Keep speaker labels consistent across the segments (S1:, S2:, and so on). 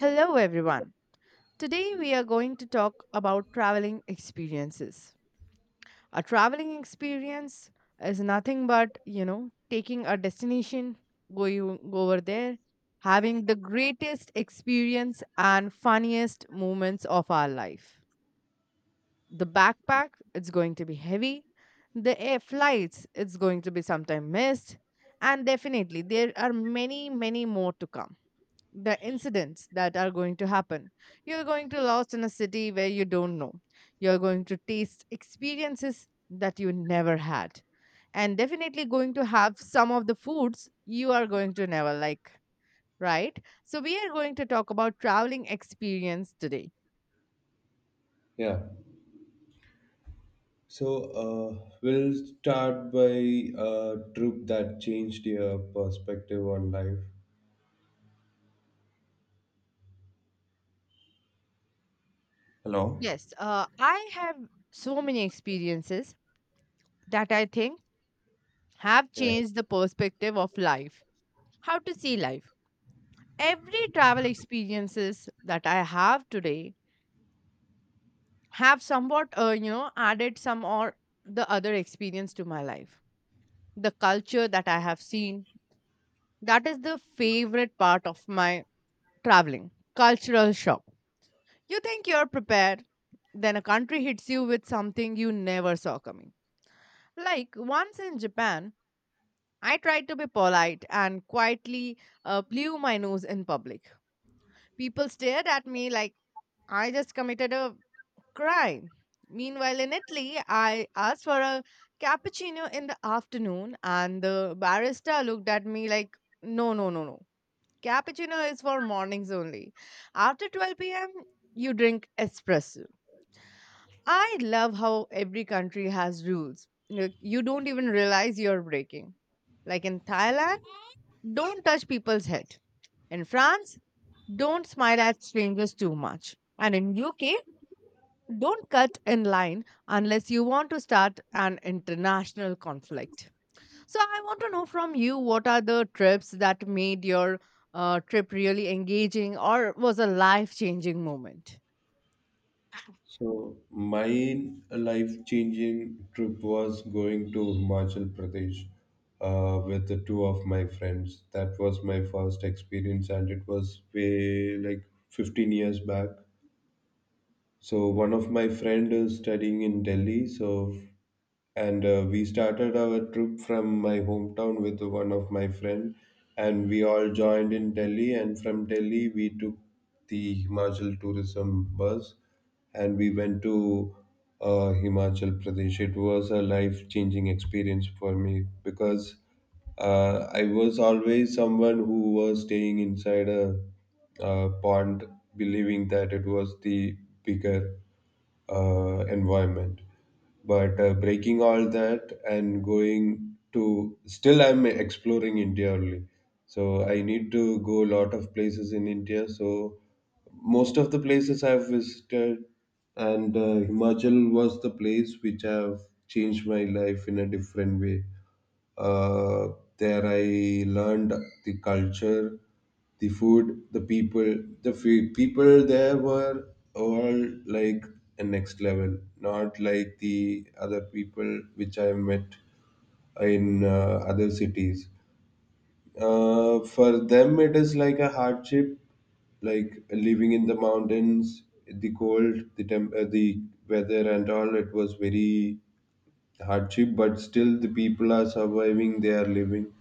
S1: Hello, everyone. Today we are going to talk about traveling experiences. A traveling experience is nothing but, taking a destination, going over there, having the greatest experience and funniest moments of our life. The backpack, it's going to be heavy. The air flights, it's going to be sometime missed. And definitely, there are many, many more to come the incidents that are going to happen. You're going to lost in a city where you don't know. You're going to taste experiences that you never had. And definitely going to have some of the foods you are going to never like, right? So we are going to talk about traveling experience today.
S2: Yeah. So we'll start by a trip that changed your perspective on life. Hello.
S1: Yes, I have so many experiences that I think have
S2: Yeah.
S1: changed the perspective of life, how to see life. Every travel experiences that I have today have somewhat added some or the other experience to my life, the culture that I have seen, that is the favorite part of my traveling. Cultural shock, you think you're prepared, then a country hits you with something you never saw coming. Like once in Japan, I tried to be polite and quietly blew my nose in public. People stared at me like I just committed a crime. Meanwhile, in Italy, I asked for a cappuccino in the afternoon, and the barista looked at me like, no, no, no, no. Cappuccino is for mornings only. After 12 p.m., you drink espresso. I love how every country has rules. Like, you don't even realize you're breaking. Like in Thailand, don't touch people's head. In France, don't smile at strangers too much. And in UK, don't cut in line unless you want to start an international conflict. So, I want to know from you, what are the trips that made your trip really engaging or was a life changing moment?
S2: So my life-changing trip was going to Himachal Pradesh with the two of my friends. That was my first experience, and it was way like 15 years back. So one of my friend is studying in Delhi, so and we started our trip from my hometown with one of my friend, and we all joined in Delhi, and from Delhi we took the Himachal tourism bus, and we went to Himachal Pradesh. It was a life changing experience for me, because I was always someone who was staying inside a pond, believing that it was the bigger environment. But breaking all that and going to, still, I'm exploring India only. So I need to go a lot of places in India. So most of the places I've visited, and Himachal was the place which have changed my life in a different way. Uh, there I learned the culture, the food, the people. The people there were all like a next level, not like the other people which I met in other cities. For them, it is like a hardship, like living in the mountains, the cold, the weather, and all. It was very hardship, but still the people are surviving. They are living.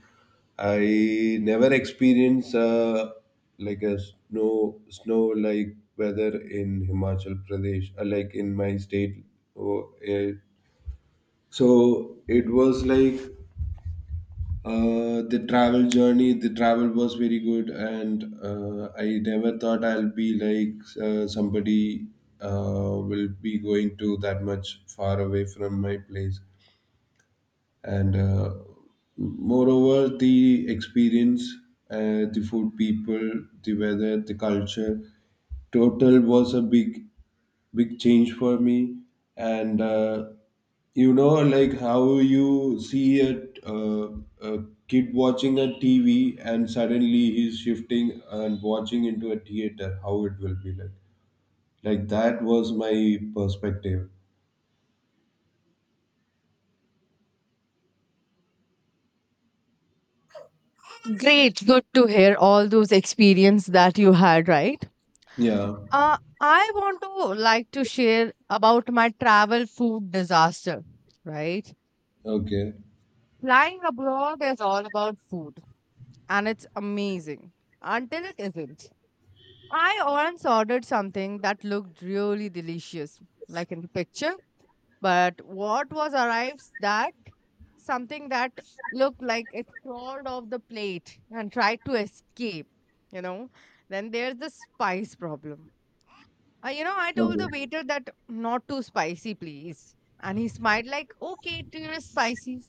S2: I never experienced like a snow like weather in Himachal Pradesh, like in my state. Oh, eh. So it was like, the travel journey. The travel was very good, and I never thought I'll be like, somebody uh, will be going to that much far away from my place. And moreover, the experience, the food, people, the weather, the culture total was a big, big change for me, and you know, like how you see a kid watching a TV and suddenly he's shifting and watching into a theater, how it will be Like that was my perspective.
S1: Great, good to hear all those experience that you had, right?
S2: Yeah.
S1: I want to like to share about my travel food disaster, right?
S2: Okay.
S1: Flying abroad is all about food and it's amazing until it isn't. I once ordered something that looked really delicious, like in the picture, but what was arrived that something that looked like it crawled off the plate and tried to escape, you know. Then there's the spice problem. I told
S2: Okay.
S1: the waiter that not too spicy, please. And he smiled like, okay, too spicy.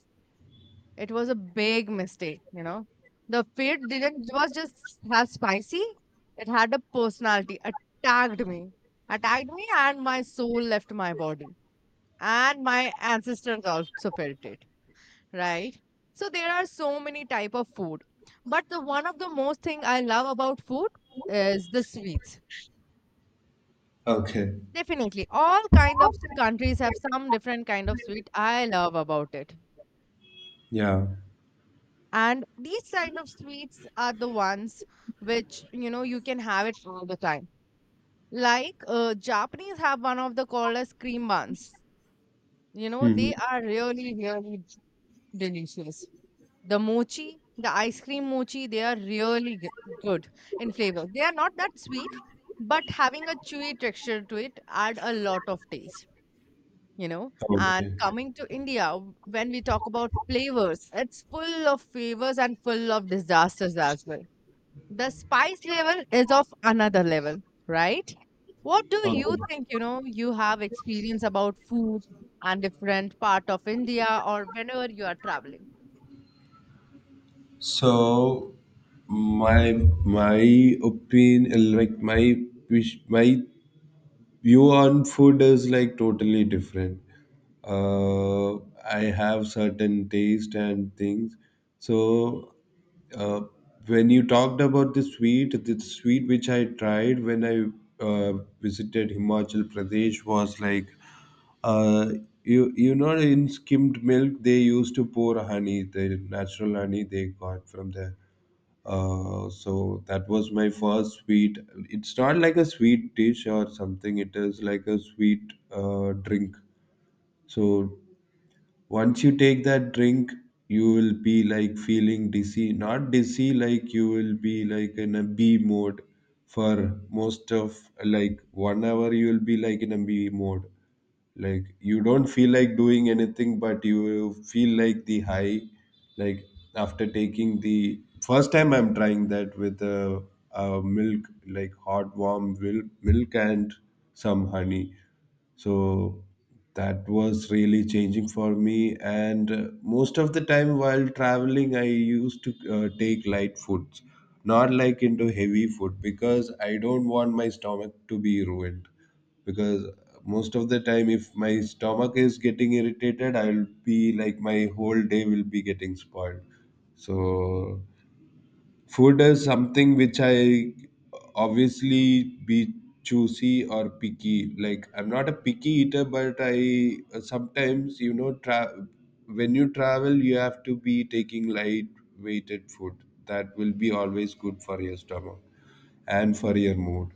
S1: It was a big mistake, you know. The food didn't was just as spicy. It had a personality, attacked me, and my soul left my body. And my ancestors also felt it, right? So there are so many type of food, but the one of the most thing I love about food is the sweets.
S2: Okay.
S1: Definitely, all kind of countries have some different kind of sweet I love about it.
S2: Yeah.
S1: And these kind of sweets are the ones which, you can have it all the time. Like Japanese have one of the called as cream buns. You know,
S2: Mhm.
S1: they are really, really delicious. The mochi, the ice cream mochi, they are really good in flavor. They are not that sweet, but having a chewy texture to it add a lot of taste, you know. And
S2: Okay.
S1: coming to India, when we talk about flavors, it's full of flavors and full of disasters as well. The spice level is of another level, right? What do you
S2: Okay.
S1: think, you know, you have experience about food and different part of India or whenever you are traveling?
S2: So my my opinion, like my wish, my view on food is like totally different. Uh, I have certain taste and things. So uh, when you talked about the sweet which I tried when I uh, visited Himachal Pradesh was like. Uh, you know, in skimmed milk they used to pour honey, the natural honey they got from there, so that was my first sweet. It's not like a sweet dish or something, it is like a sweet drink. So once you take that drink, you will be like feeling dizzy, not dizzy, like you will be like in a b mode for most of like 1 hour. You will be like in a b mode, like you don't feel like doing anything, but you feel like the high, like, after taking the first time, I'm trying that with a milk, like hot warm milk and some honey. So that was really changing for me, and most of the time while traveling, I used to take light foods, not like into heavy food, because I don't want my stomach to be ruined. Because most of the time if my stomach is getting irritated, I'll be like my whole day will be getting spoiled. So food is something which I obviously be choosy or picky, like I'm not a picky eater, but I, sometimes, when you travel you have to be taking light weighted food that will be always good for your stomach, and for your mood.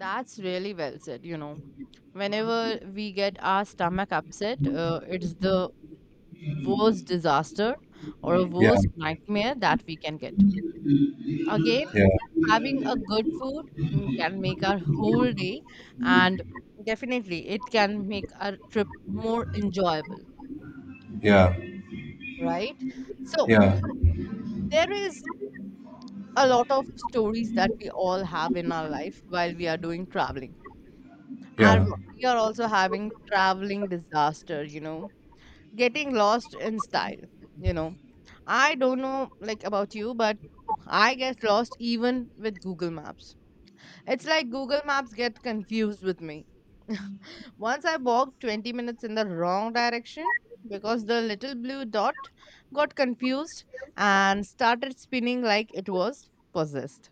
S1: That's really well said, you know. Whenever we get our stomach upset, it's the worst disaster or a
S2: Yeah.
S1: worst nightmare that we can get. Again,
S2: Yeah.
S1: having a good food can make our whole day, and definitely it can make our trip more enjoyable.
S2: Yeah.
S1: Right? So
S2: Yeah.
S1: there is a lot of stories that we all have in our life while we are doing traveling. And
S2: Yeah.
S1: we are also having traveling disaster, you know, getting lost in style, you know. I don't know like about you, but I get lost even with Google Maps. It's like Google Maps get confused with me. Once I walked 20 minutes in the wrong direction because the little blue dot got confused and started spinning like it was possessed.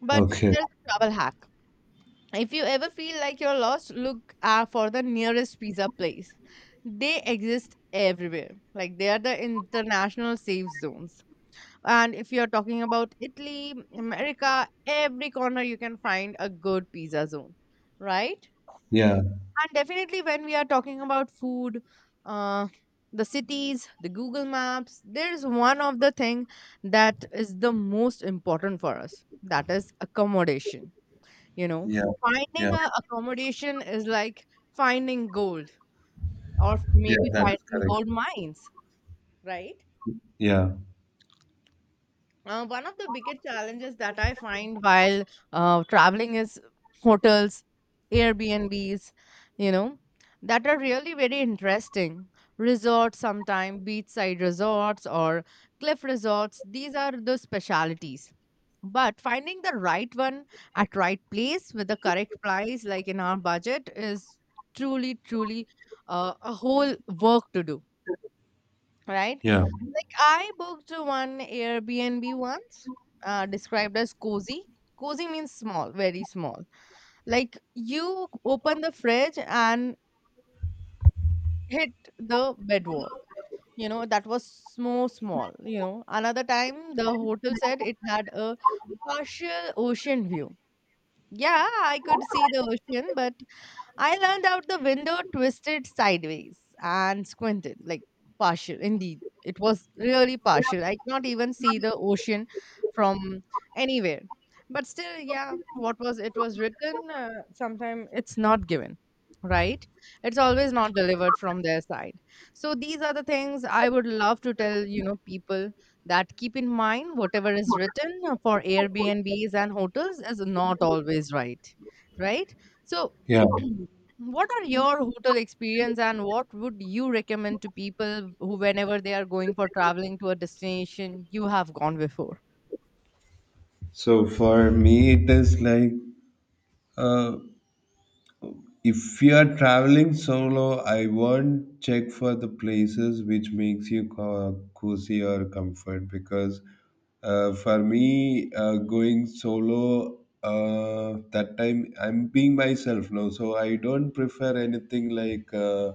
S1: But
S2: Okay.
S1: there's a travel hack. If you ever feel like you're lost, look for the nearest pizza place. They exist everywhere. Like they are the international safe zones. And if you're talking about Italy, America, every corner you can find a good pizza zone, right?
S2: Yeah.
S1: And definitely, when we are talking about food, uh, the cities, the Google Maps, there is one of the thing that is the most important for us. That is accommodation. You know,
S2: Yeah. Yeah.
S1: finding a accommodation is like finding gold, or
S2: Yeah.
S1: maybe
S2: That is
S1: finding gold
S2: correct.
S1: mines, right?
S2: Yeah.
S1: One of the biggest challenges that I find while traveling is hotels, Airbnbs, you know, that are really very interesting. Resorts, sometimes beachside resorts or cliff resorts, these are the specialities. But finding the right one at right place with the correct price, like in our budget, is truly, truly a whole work to do, right?
S2: Yeah.
S1: Like I booked one Airbnb once, described as cozy. Cozy means small, very small. Like you open the fridge and hit the bed wall. You know, that was so small. You know, another time the hotel said it had a partial ocean view. Yeah, I could see the ocean, but I leaned out the window, twisted sideways, and squinted, like partial. Indeed, it was really partial. I could not even see the ocean from anywhere. But still, yeah, what was it was written, sometime it's not given, right? It's always not delivered from their side. So these are the things I would love to tell, you know, people that keep in mind whatever is written for Airbnbs and hotels is not always right, right? So
S2: Yeah.
S1: what are your hotel experience and what would you recommend to people who whenever they are going for traveling to a destination you have gone before?
S2: So for me, it is like, uh, if you are traveling solo, I won't check for the places which makes you cozy or comfort. Because for me, going solo, that time I'm being myself now, so I don't prefer anything like.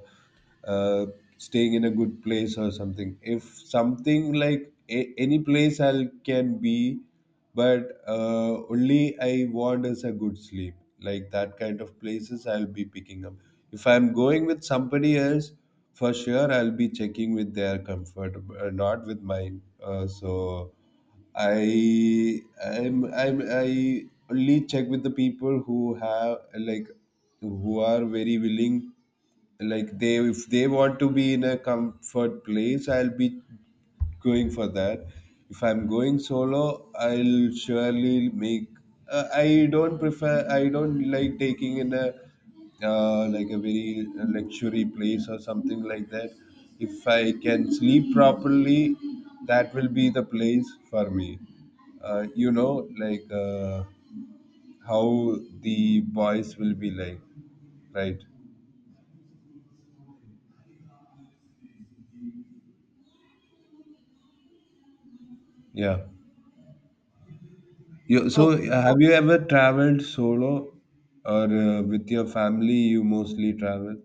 S2: uh, Staying in a good place or something. If something like a, any place I can be, but only I want is a good sleep. Like that kind of places I'll be picking up. If I'm going with somebody else, for sure I'll be checking with their comfort, not with mine. So I I'm I only check with the people who have, like, who are very willing, like, they, if they want to be in a comfort place, I'll be going for that. If I'm going solo, I'll surely make, I don't prefer, I don't like taking in a, like a very luxury place or something like that. If I can sleep properly, that will be the place for me. Like, how the boys will be like, right? Yeah. You, so,
S1: Okay.
S2: have you ever traveled solo or with your family? You mostly travel?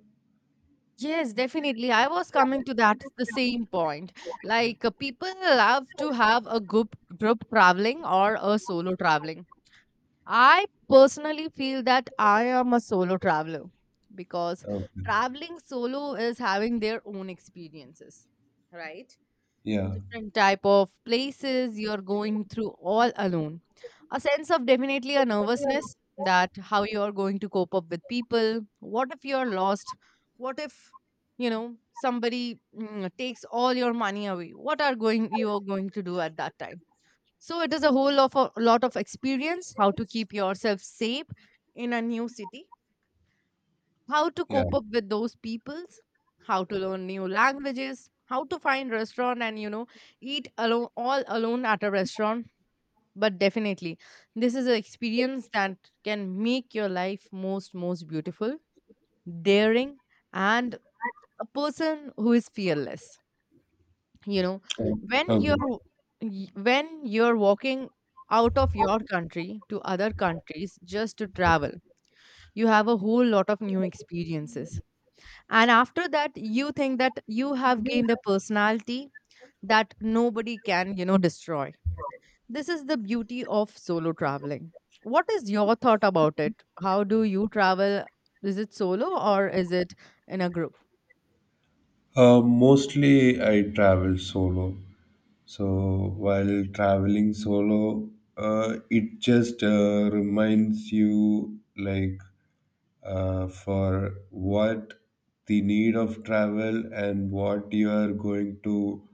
S1: Yes, definitely. I was coming to that the same point. Like people love to have a group traveling or a solo traveling. I personally feel that I am a solo traveler because
S2: Okay.
S1: traveling solo is having their own experiences, right?
S2: Yeah.
S1: Different type of places you're going through all alone. A sense of definitely a nervousness that how you're going to cope up with people. What if you're lost? What if somebody takes all your money away? What are going you are going to do at that time? So it is a whole of a lot of experience how to keep yourself safe in a new city, how to
S2: Yeah.
S1: cope up with those peoples, how to learn new languages, how to find restaurant and eat alone all alone at a restaurant. But definitely, this is an experience that can make your life most most beautiful, daring, and a person who is fearless. You know, when
S2: Okay.
S1: you're when you're walking out of your country to other countries just to travel, you have a whole lot of new experiences, and after that you think that you have gained a personality that nobody can destroy. This is the beauty of solo traveling. What is your thought about it? How do you travel? Is it solo or is it in a group?
S2: Mostly I travel solo. So, while traveling solo, it just reminds you, like, for what the need of travel and what you are going to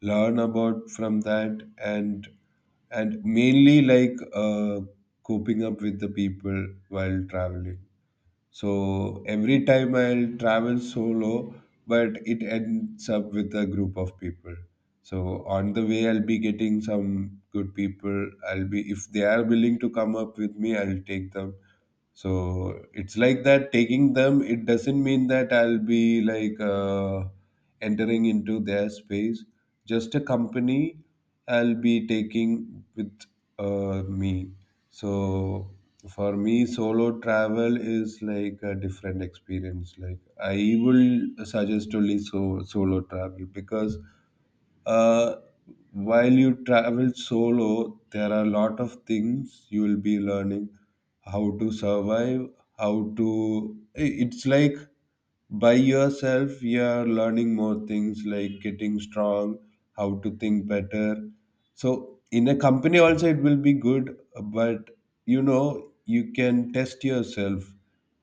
S2: learn about from that, and mainly, like, coping up with the people while traveling. So every time I'll travel solo, but it ends up with a group of people. So on the way I'll be getting some good people. I'll be, if they are willing to come up with me, I'll take them. So it's like that, taking them, it doesn't mean that I'll be like, entering into their space, just a company I'll be taking with me. So for me, solo travel is like a different experience. Like, I will suggest only solo travel, because, uh, while you travel solo, there are a lot of things you will be learning: how to survive, how to. It's like by yourself you are learning more things, like getting strong, how to think better. So in a company also it will be good, but you know you can test yourself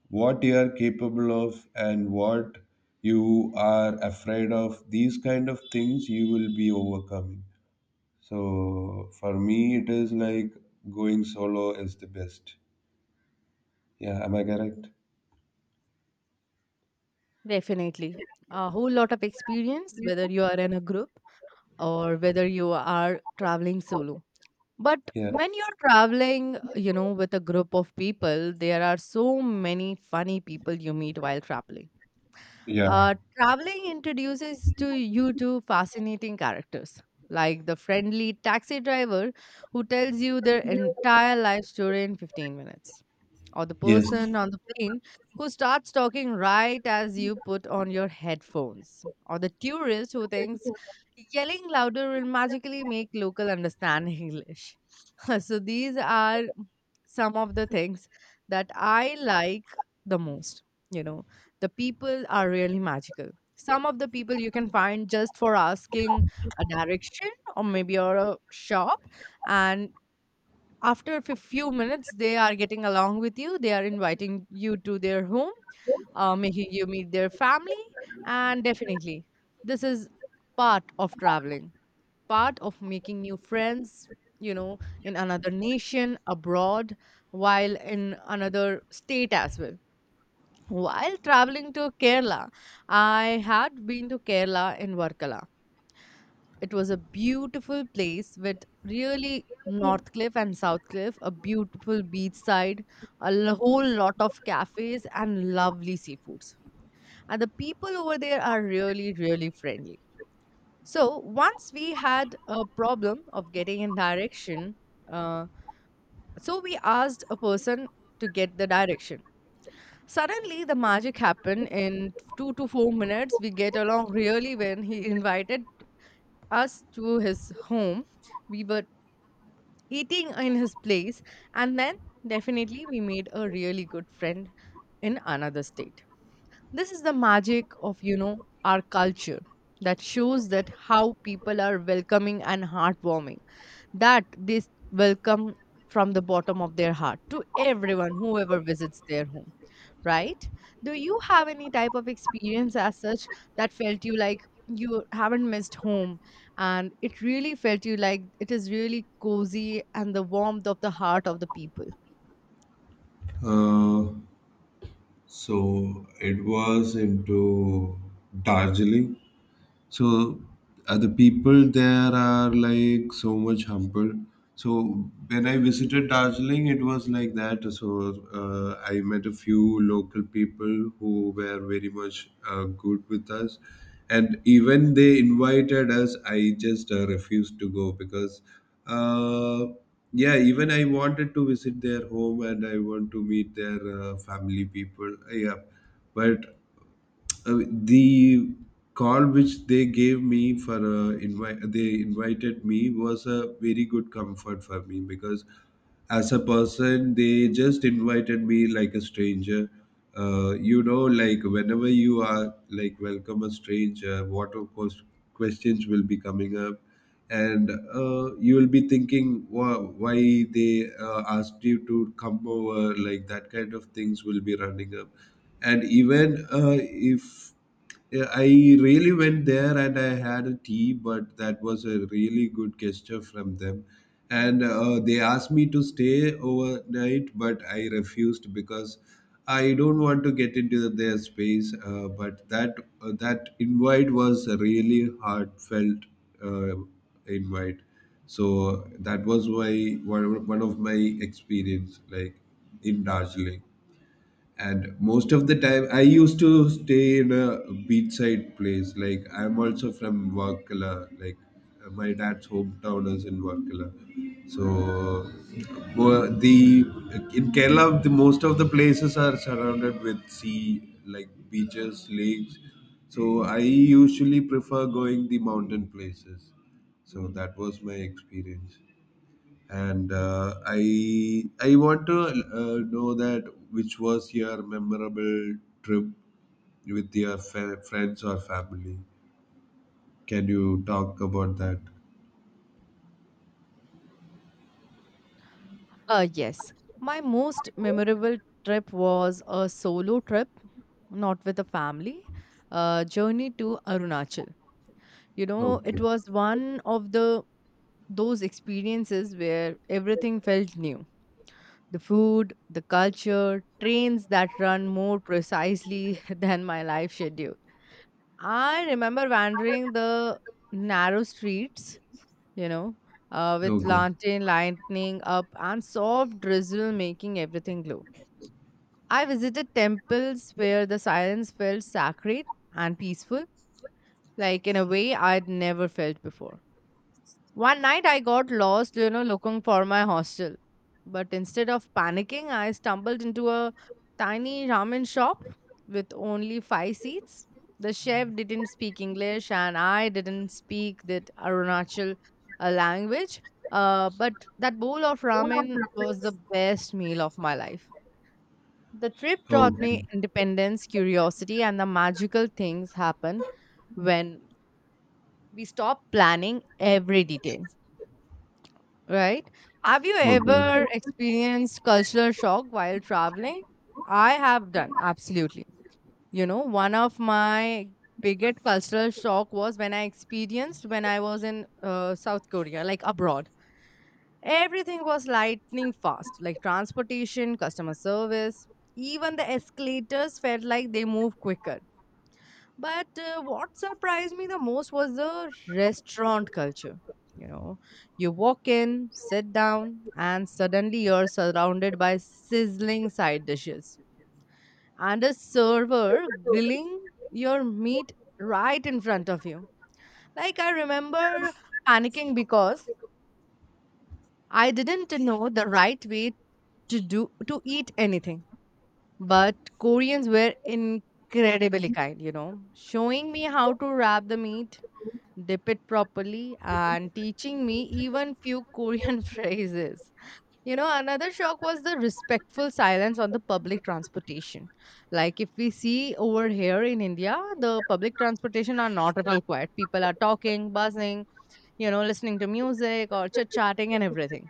S2: what you are capable of and what you are afraid of. These kind of things you will be overcoming. So for me, it is like going solo is the best. Yeah, am I correct?
S1: Definitely a whole lot of experience whether you are in a group or whether you are traveling solo. But
S2: Yeah.
S1: when you're traveling, you know, with a group of people, there are so many funny people you meet while traveling.
S2: Yeah.
S1: Traveling introduces to you to fascinating characters, like the friendly taxi driver who tells you their entire life story in 15 minutes, or the
S2: Yes.
S1: person on the plane who starts talking right as you put on your headphones, or the tourist who thinks yelling louder will magically make local understand English. So these are some of the things that I like the most. You know, the people are really magical. Some of the people you can find just for asking a direction or maybe or a shop, and after a few minutes they are getting along with you, they are inviting you to their home, making you meet their family, and definitely this is part of traveling, part of making new friends, you know, in another nation abroad, while in another state as well. While traveling to Kerala, I had been to Kerala in Varkala. It was a beautiful place with really North Cliff and South Cliff, a beautiful beachside, a whole lot of cafes, and lovely seafoods. And the people over there are really, really friendly. So once we had a problem of getting in direction, uh, so we asked a person to get the direction. Suddenly, the magic happened. In 2 to 4 minutes, we get along really when he invited us to his home. We were eating in his place. And then definitely we made a really good friend in another state. This is the magic of our culture that shows that how people are welcoming and heartwarming, that they welcome from the bottom of their heart to everyone, whoever visits their home, right? Do you have any type of experience as such that felt you like you haven't missed home and it really felt you like it is really cozy and the warmth of the heart of the people?
S2: uh, So it was into Darjeeling. So the people there are like so much humble. So when I visited Darjeeling, it was like that. So I met a few local people who were very much good with us, and even they invited us. I just refused to go, because, uh, yeah, even I wanted to visit their home and I want to meet their family people. Yeah, but the call which they gave me for, invite, they invited me, was a very good comfort for me because, as a person, they just invited me like a stranger. Like, whenever you are like welcome a stranger, what, of course, questions will be coming up, and you will be thinking why they asked you to come over, like that kind of things will be running up. And even, if, yeah, I really went there and I had a tea, but that was a really good gesture from them. And they asked me to stay overnight, but I refused because I don't want to get into their space. But that, that invite was a really heartfelt uh, invite. So that was my one of my experience, like, in Darjeeling. And most of the time I used to stay in a beachside place. Like, I'm also from Varkala, like, my dad's hometown is in Varkala. So the, in Kerala, the most of the places are surrounded with sea, like beaches, lakes. So I usually prefer going the mountain places. So that was my experience. And I want to know that, which was your memorable trip with your friends or family? Can you talk about that?
S1: Yes. My most memorable trip was a solo trip, not with a family, journey to Arunachal. You know, it
S2: Okay,
S1: was one of the those experiences where everything felt new. The food, the culture, trains that run more precisely than my life schedule. I remember wandering the narrow streets, you know, with
S2: okay,
S1: lantern lightning up and soft drizzle making everything glow. I visited temples where the silence felt sacred and peaceful, like in a way I'd never felt before. One night I got lost looking for my hostel. But instead of panicking, I stumbled into a tiny ramen shop with only five seats. The chef didn't speak English and I didn't speak that Arunachal language. But that bowl of ramen was the best meal of my life. The trip taught
S2: okay,
S1: me independence, curiosity, and the magical things happen when we stop planning every detail, right? Have you
S2: okay.
S1: ever experienced cultural shock while traveling? I have done, absolutely. You know, one of my biggest cultural shock was when I experienced when I was in South Korea, like abroad. Everything was lightning fast, like transportation, customer service, even the escalators felt like they move quicker. But what surprised me the most was the restaurant culture. You know, you walk in, sit down, and suddenly you're surrounded by sizzling side dishes and a server grilling your meat right in front of you. Like, I remember panicking because I didn't know the right way to eat anything. But Koreans were incredibly kind, you know, showing me how to wrap the meat, dip it properly, and teaching me even few Korean phrases. Another shock was the respectful silence on the public transportation. Like if we see over here in India, the public transportation are not at all quiet. People are talking, buzzing, listening to music or chit chatting and everything.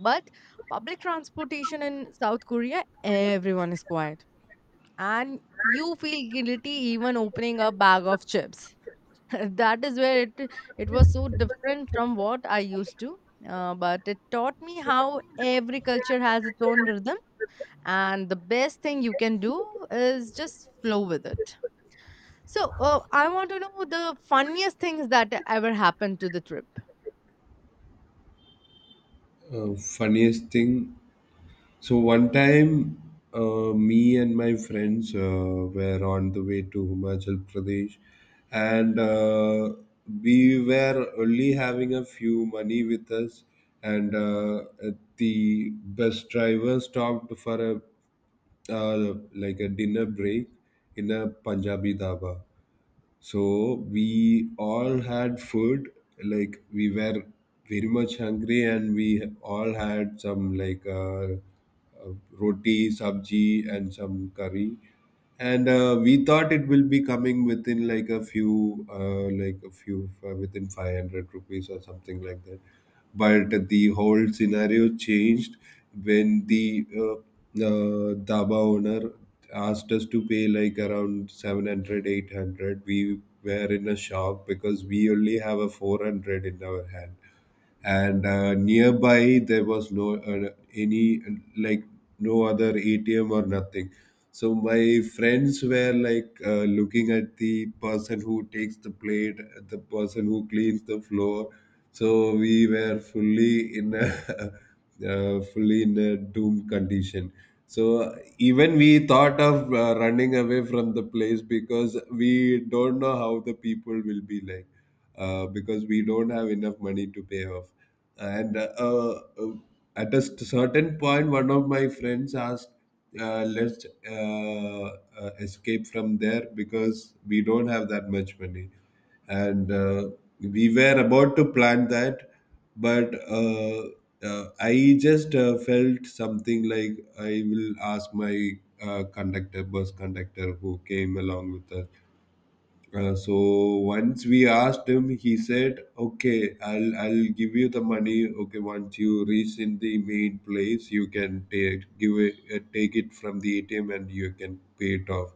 S1: But public transportation in South Korea, everyone is quiet, and you feel guilty even opening a bag of chips. That is where it was so different from what I used to. But it taught me how every culture has its own rhythm, and the best thing you can do is just flow with it. So I want to know the funniest things that ever happened to the trip.
S2: Funniest thing. So one time, me and my friends were on the way to Himachal Pradesh, and we were only having a few money with us. And the bus driver stopped for a, like a dinner break in a Punjabi dhaba, so we all had food, like we were very much hungry, and we all had some, like, roti, sabji, and some curry, and we thought it will be coming within, like, a few like a few within 500 rupees or something like that. But the whole scenario changed when the dhaba owner asked us to pay like around 700, 800. We were in a shock because we only have a 400 in our hand, and nearby there was no, any, like, no other ATM or nothing. So my friends were like, looking at the person who takes the plate, the person who cleans the floor. So we were fully in a fully in a doomed condition. So even we thought of running away from the place because we don't know how the people will be like, because we don't have enough money to pay off. And at a certain point, one of my friends asked, "Let's, escape from there because we don't have that much money." And we were about to plan that, but I just felt something like I will ask my, conductor, bus conductor, who came along with us. So once we asked him, he said, "Okay, I'll give you the money. Okay, once you reach in the main place, you can take it from the ATM and you can pay it off."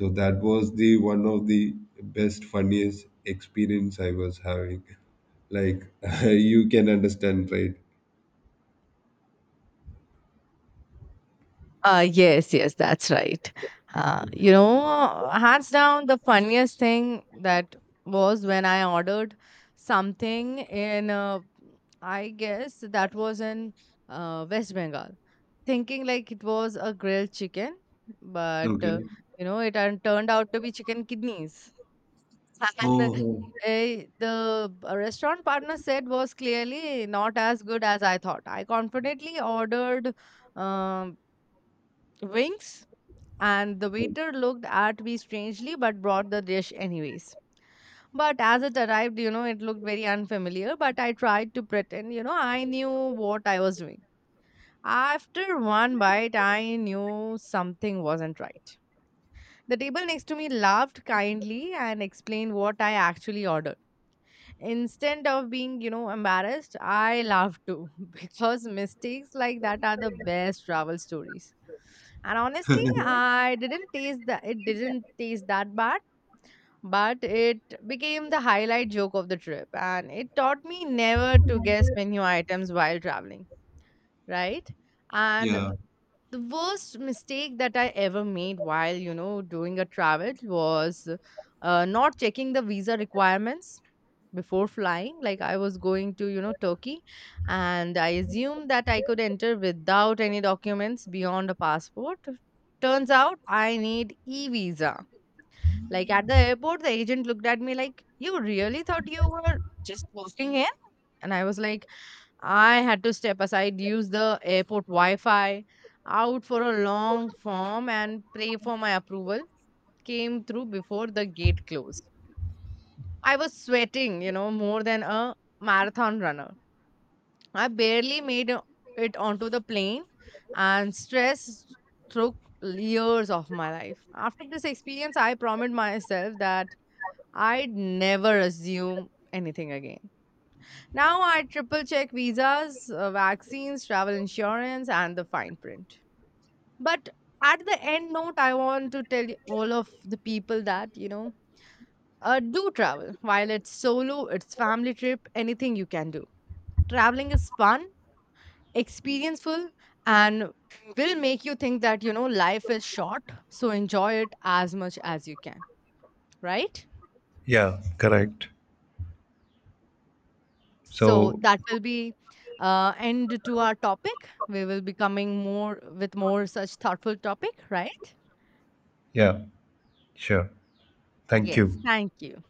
S2: So that was the one of the best funniest experience I was having. Like, you can understand, right?
S1: Yes, yes, that's right. Hands down, the funniest thing that was when I ordered something in, I guess that was in West Bengal, thinking like it was a grilled chicken, but
S2: Okay.
S1: it turned out to be chicken kidneys. And
S2: Oh.
S1: the restaurant partner said was clearly not as good as I thought. I confidently ordered um, wings, and the waiter looked at me strangely but brought the dish anyways. But as it arrived, you know, it looked very unfamiliar, but I tried to pretend, you know, I knew what I was doing. After one bite, I knew something wasn't right. The table next to me laughed kindly and explained what I actually ordered. Instead of being embarrassed, I laugh too. Because mistakes like that are the best travel stories, and honestly I didn't taste that it didn't taste that bad. But it became the highlight joke of the trip, and it taught me never to guess menu items while traveling, right?
S2: Yeah.
S1: And
S2: Yeah.
S1: the worst mistake that I ever made while doing a travel was not checking the visa requirements before flying. Like I was going to Turkey, and I assumed that I could enter without any documents beyond a passport. Turns out I need e visa. Like at the airport, the agent looked at me like, you really thought you were just walking in? And I was like, I had to step aside, use the airport wi-fi, out for a long form and pray for my approval, came through before the gate closed. I was sweating more than a marathon runner. I barely made it onto the plane, and stress took years of my life. After this experience, I promised myself that I'd never assume anything again. Now I triple check visas, vaccines, travel insurance, and the fine print. But at the end note, I want to tell all of the people that do travel. While it's solo, it's family trip, anything you can do. Traveling is fun, experienceful, and will make you think that life is short, so enjoy it as much as you can, right?
S2: Yeah, correct.
S1: So
S2: So,
S1: that will be end to our topic. We will be coming more with more such thoughtful topic, right?
S2: yeah, sure. Thank
S1: Yes,
S2: you.
S1: thank you.